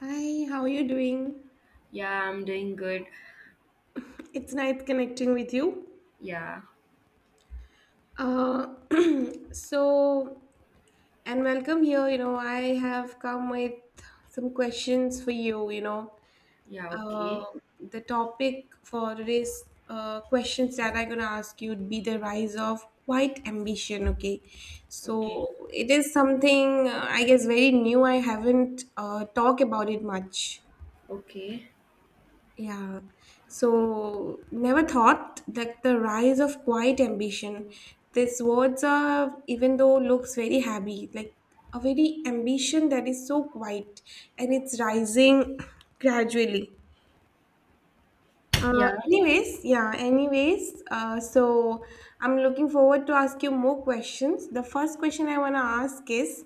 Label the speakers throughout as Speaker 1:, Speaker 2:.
Speaker 1: Hi, how are you doing?
Speaker 2: Yeah, I'm doing good.
Speaker 1: It's nice connecting with you.
Speaker 2: Yeah,
Speaker 1: Uh, so, and welcome here. You know, I have come with some questions for you.
Speaker 2: yeah,
Speaker 1: Uh,
Speaker 2: okay,
Speaker 1: the topic for today's questions that I'm gonna ask you would be the rise of quiet ambition. Okay, so
Speaker 2: okay,
Speaker 1: it is something I guess very new. I haven't talked about it much.
Speaker 2: okay.
Speaker 1: Yeah, so never thought that the rise of quiet ambition. These words are, even though looks very happy, like a very ambition that is so quiet and it's rising gradually. Uh,
Speaker 2: Yeah,
Speaker 1: anyways, yeah, anyways, uh, so I'm looking forward to ask you more questions. The first question I want to ask is,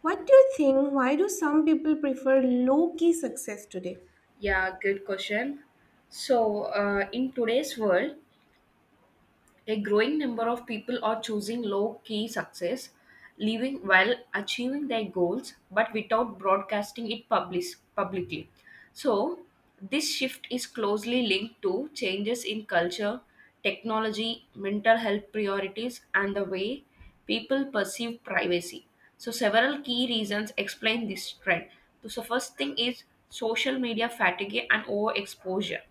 Speaker 1: what do you think, why do some people prefer low-key success today?
Speaker 2: yeah, good question. So, in today's world, a growing number of people are choosing low key success, living while achieving their goals but without broadcasting it publicly. So, this shift is closely linked to changes in culture, technology, mental health priorities, and the way people perceive privacy. So, several key reasons explain this trend. So, first thing is social media fatigue and overexposure.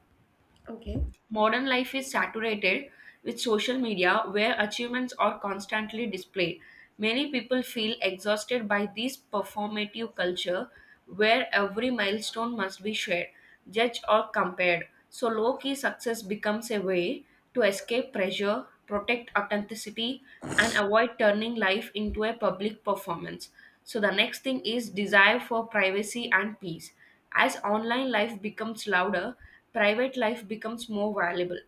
Speaker 1: Okay.
Speaker 2: Modern life is saturated with social media where achievements are constantly displayed. Many people feel exhausted by this performative culture where every milestone must be shared, judged, or compared. So, low key success becomes a way to escape pressure, protect authenticity, and avoid turning life into a public performance. So, the next thing is desire for privacy and peace. As online life becomes louder, private life becomes more valuable.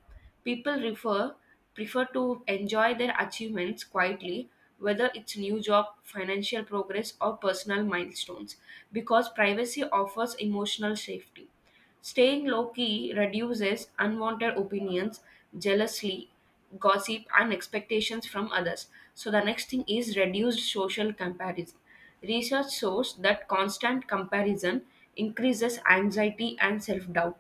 Speaker 2: People prefer to enjoy their achievements quietly, whether it's new job, financial progress, or personal milestones, because privacy offers emotional safety. Staying low key reduces unwanted opinions, jealousy, gossip, and expectations from others. So, the next thing is reduced social comparison. Research shows that constant comparison increases anxiety and self doubt.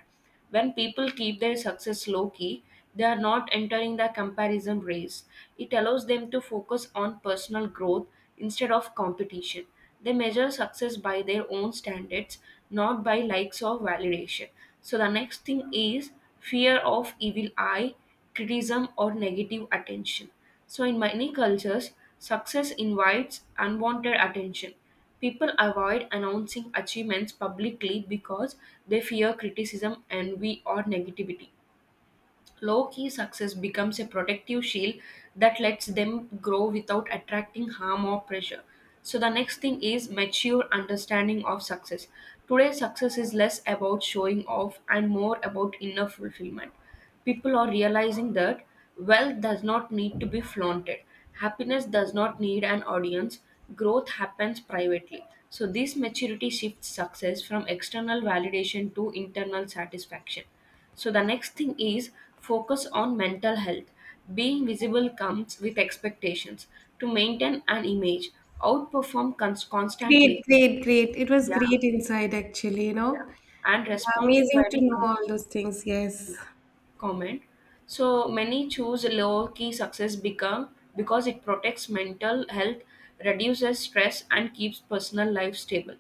Speaker 2: When people keep their success low key, they are not entering the comparison race. It allows them to focus on personal growth instead of competition. They measure success by their own standards, not by likes or validation. So, the next thing is fear of evil eye, criticism, or negative attention. So, in many cultures, success invites unwanted attention. People avoid announcing achievements publicly because they fear criticism, envy, or negativity. Low key success becomes a protective shield that lets them grow without attracting harm or pressure. So, the next thing is mature understanding of success. Today, success is less about showing off and more about inner fulfillment. People are realizing that wealth does not need to be flaunted, happiness does not need an audience, growth happens privately. So, this maturity shifts success from external validation to internal satisfaction. So the next thing is focus on mental health. Being visible comes with expectations to maintain an image,
Speaker 1: Great,
Speaker 2: constantly,
Speaker 1: great, great. It was
Speaker 2: yeah,
Speaker 1: great insight, actually, you
Speaker 2: yeah,
Speaker 1: know.
Speaker 2: and
Speaker 1: Yeah,
Speaker 2: respond to
Speaker 1: amazing to know all those things, yes.
Speaker 2: yeah, comment. So many choose low key success become because it protects mental health, reduces stress, and keeps personal life stable.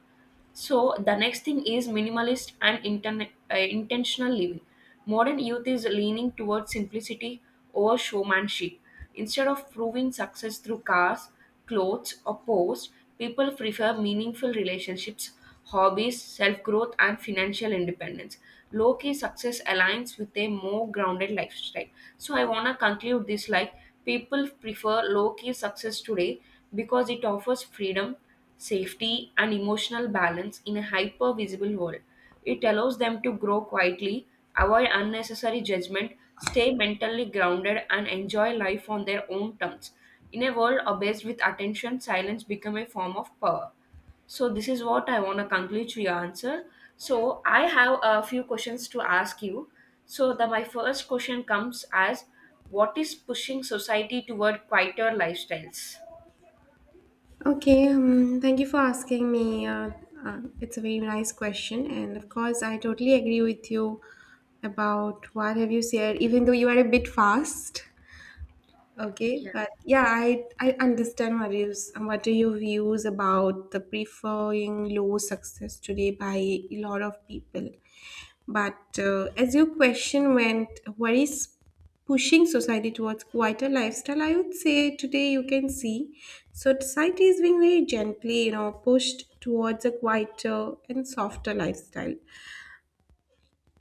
Speaker 2: So the next thing is minimalist and intentional living. Modern youth is leaning towards simplicity over showmanship. Instead of proving success through cars, clothes, or posts, people prefer meaningful relationships, hobbies, self growth, and financial independence. Low key success aligns with a more grounded lifestyle. So, I want to conclude this like people prefer low key success today because it offers freedom, safety, and emotional balance in a hyper visible world. It allows them to grow quietly, avoid unnecessary judgment, stay mentally grounded, and enjoy life on their own terms. In a world obsessed with attention, silence become a form of power. So this is what I want to conclude to your answer. So I have a few questions to ask you. So the my first question comes as, what is pushing society toward quieter lifestyles?
Speaker 1: Okay, thank you for asking me. It's a very nice question, and of course, I totally agree with you about what have you said, even though you are a bit fast. Okay,
Speaker 2: Yeah,
Speaker 1: but yeah, I understand what are your views about the preferring low success today by a lot of people. But as your question went, what is pushing society towards quieter lifestyle? I would say today you can see so society is being very gently, you know, pushed towards a quieter and softer lifestyle.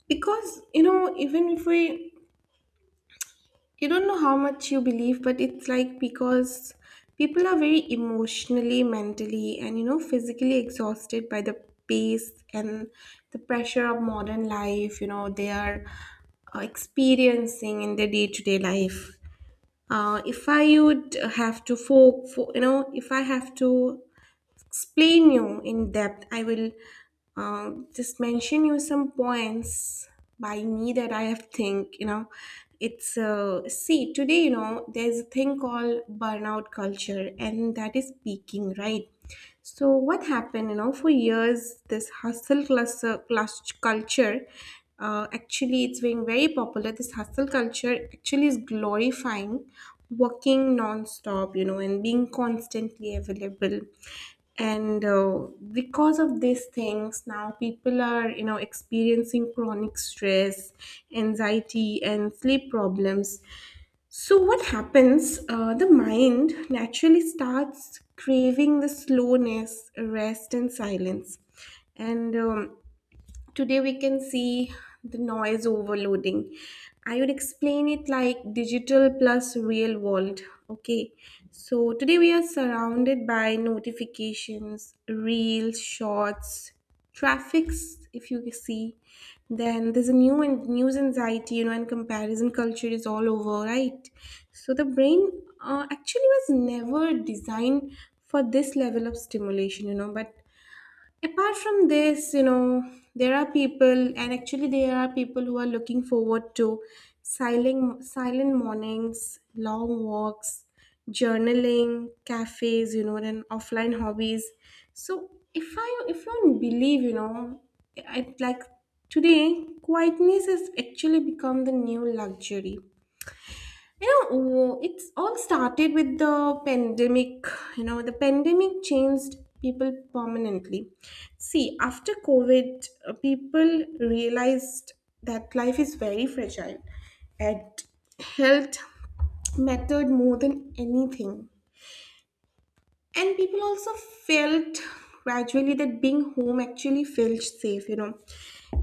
Speaker 1: Because, you know, even if we you don't know how much you believe, but it's like because people are very emotionally, mentally, and you know, physically exhausted by the pace and the pressure of modern life, you know, they are experiencing in their day to day life. If I would have to, you know, if I have to explain you in depth. I will just mention you some points by me that I have think. You know, it's see today. You know, there's a thing called burnout culture, and that is peaking, right? So what happened, you know, for years this culture, actually it's being very popular. This hustle culture actually is glorifying working non-stop, you know, and being constantly available. And because of these things, now people are, you know, experiencing chronic stress, anxiety, and sleep problems. So, what happens? The mind naturally starts craving the slowness, rest, and silence. And Today we can see the noise overloading. I would explain it like digital plus real world. Okay, so today we are surrounded by notifications, reels, shorts, traffics. If you see, then there's a new and news anxiety, you know, and comparison culture is all over, right? So the brain actually was never designed for this level of stimulation, you know, but apart from this, you know, there are people, and actually there are people who are looking forward to silent mornings, long walks, journaling, cafes, you know, and offline hobbies. So, if you don't believe, you know, I like today quietness has actually become the new luxury. You know, it's all started with the pandemic. You know, the pandemic changed people permanently. See, after COVID, people realized that life is very fragile and health mattered more than anything. And people also felt gradually that being home actually felt safe, you know.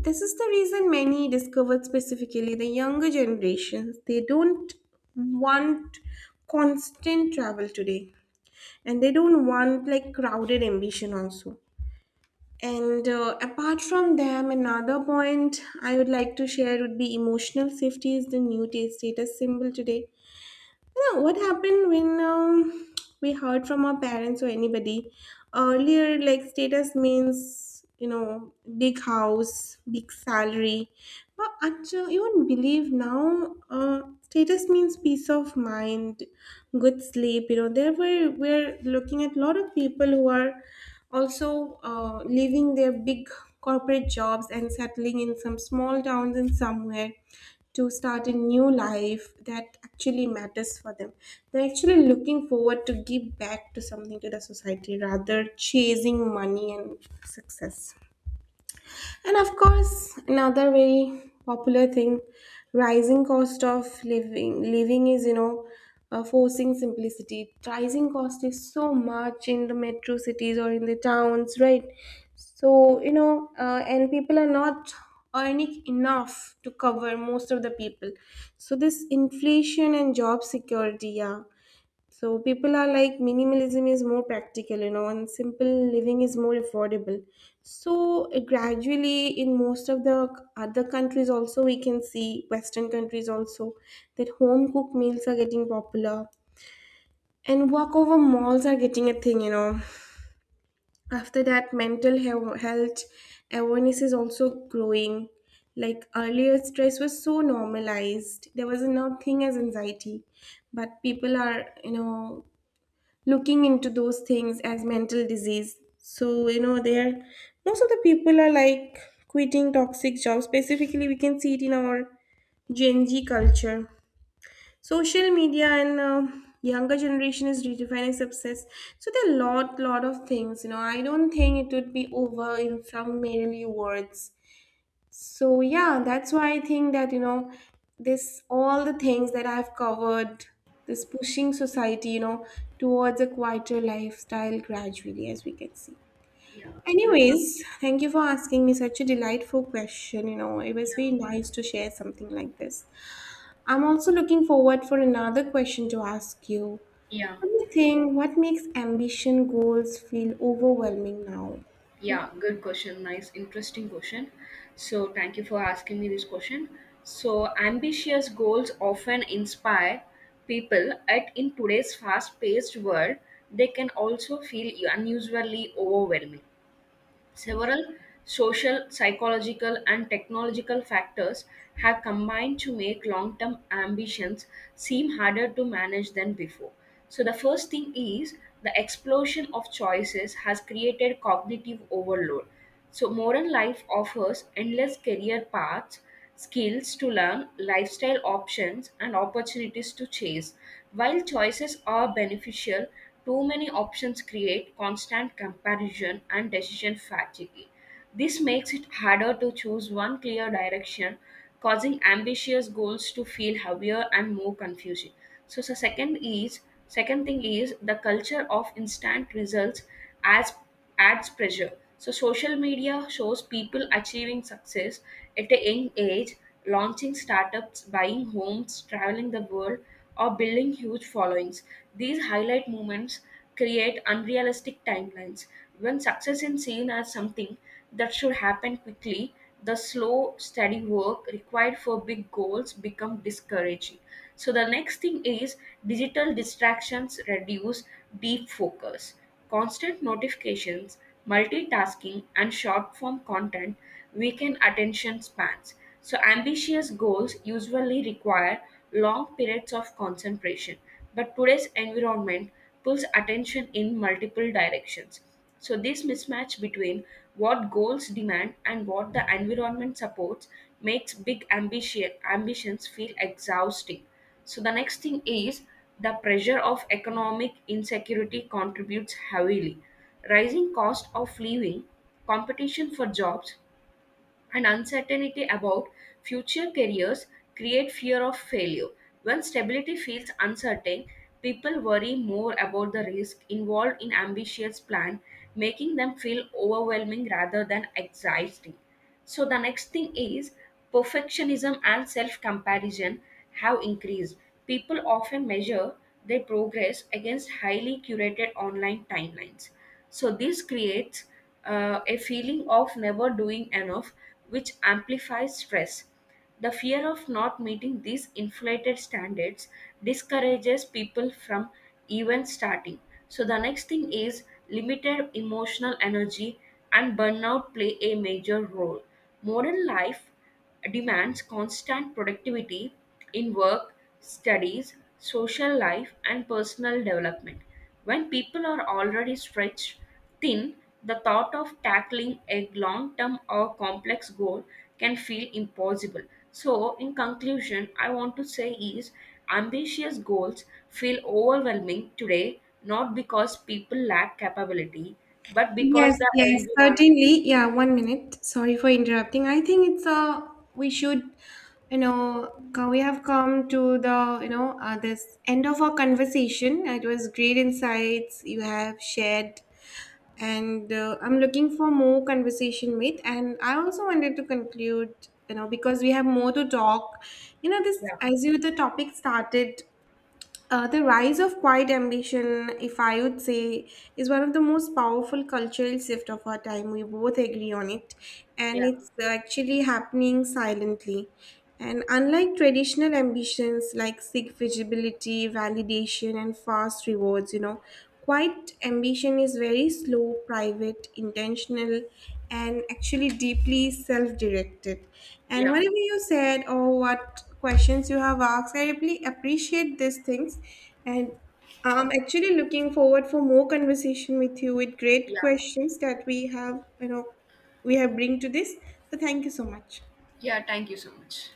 Speaker 1: This is the reason many discovered, specifically the younger generations, they don't want constant travel today, and they don't want like crowded ambition also. And apart from them, another point I would like to share would be emotional safety is the new status symbol today. Know what happened when we heard from our parents or anybody earlier, like status means, you know, big house, big salary, but actually you won't believe, now status means peace of mind, good sleep. You know, there were we're looking at a lot of people who are also leaving their big corporate jobs and settling in some small towns and somewhere to start a new life that actually matters for them. They're actually looking forward to give back to something to the society rather chasing money and success. And of course, another very popular thing, rising cost of living. Living is, you know, forcing simplicity. Rising cost is so much in the metro cities or in the towns, right? So, you know, and people are not earning enough to cover most of the people. So this inflation and job security, yeah. So people are like minimalism is more practical, you know, and simple living is more affordable. So gradually, in most of the other countries, also we can see Western countries also that home cooked meals are getting popular, and walkover malls are getting a thing, you know. After that, mental health awareness is also growing. Like earlier, stress was so normalized. There was no thing as anxiety, but people are, you know, looking into those things as mental disease. So, you know, there most of the people are like quitting toxic jobs. Specifically, we can see it in our Gen Z culture. Social media and younger generation is redefining success. So there are lot of things. You know, I don't think it would be over in some merely words. So yeah, that's why I think that, you know, this all the things that I've covered, this pushing society, you know, towards a quieter lifestyle gradually, as we can see.
Speaker 2: yeah, good. One.
Speaker 1: Anyways, thank you for asking me such a delightful question. You know, it was
Speaker 2: Yeah.
Speaker 1: very nice to share something like this. I'm also looking forward for another question to ask you.
Speaker 2: Yeah,
Speaker 1: What do think? What makes ambition goals feel overwhelming now? Hmm?
Speaker 2: yeah, good question. Nice, interesting question. So, thank you for asking me this question. So, ambitious goals often inspire people, at in today's fast-paced world, they can also feel unusually overwhelming. Several social, psychological, and technological factors have combined to make long term ambitions seem harder to manage than before. So, the first thing is the explosion of choices has created cognitive overload. So, modern life offers endless career paths, skills to learn, lifestyle options, and opportunities to chase. While choices are beneficial, too many options create constant comparison and decision fatigue. This makes it harder to choose one clear direction, causing ambitious goals to feel heavier and more confusing. So, the second is second thing is the culture of instant results as adds pressure. So, social media shows people achieving success at a young age, launching startups, buying homes, traveling the world, or building huge followings. These highlight moments create unrealistic timelines. When success is seen as something that should happen quickly, the slow, steady work required for big goals become discouraging. So the next thing is digital distractions reduce deep focus. Constant notifications, multitasking, and short form content weaken attention spans. So ambitious goals usually require long periods of concentration. But today's environment pulls attention in multiple directions. So, this mismatch between what goals demand and what the environment supports makes ambitions feel exhausting. So, the next thing is the pressure of economic insecurity contributes heavily. Rising cost of living, competition for jobs, and uncertainty about future careers create fear of failure. When stability feels uncertain, people worry more about the risk involved in ambitious plan, making them feel overwhelming rather than exciting. So the next thing is perfectionism and self comparison have increased. People often measure their progress against highly curated online timelines. So, this creates a feeling of never doing enough, which amplifies stress. The fear of not meeting these inflated standards discourages people from even starting. So, the next thing is limited emotional energy and burnout play a major role. Modern life demands constant productivity in work, studies, social life, and personal development. When people are already stretched thin, the thought of tackling a long term or complex goal can feel impossible. So, in conclusion, I want to say is ambitious goals feel overwhelming today not because people lack capability but because
Speaker 1: Yes, yes,
Speaker 2: the environment.
Speaker 1: certainly. Yeah, one minute. Sorry for interrupting. I think it's We should, you know, we have come to the, you know, this end of our conversation. It was great insights you have shared, and I'm looking for more conversation with. And I also wanted to conclude, you know, because we have more to talk. You know, this
Speaker 2: Yeah,
Speaker 1: as you the topic started The rise of quiet ambition, if I would say, is one of the most powerful cultural shift of our time. We both agree on it, and
Speaker 2: yeah,
Speaker 1: it's actually happening silently. And unlike traditional ambitions like seek visibility, validation, and fast rewards, you know, quiet ambition is very slow, private, intentional, and actually deeply self directed. And
Speaker 2: yeah,
Speaker 1: whatever you said or what questions you have asked, I really appreciate these things. And I'm actually looking forward for more conversation with you with great
Speaker 2: yeah.
Speaker 1: questions that we have, you know, we have bring to this. So thank you so much.
Speaker 2: Yeah, thank you so much.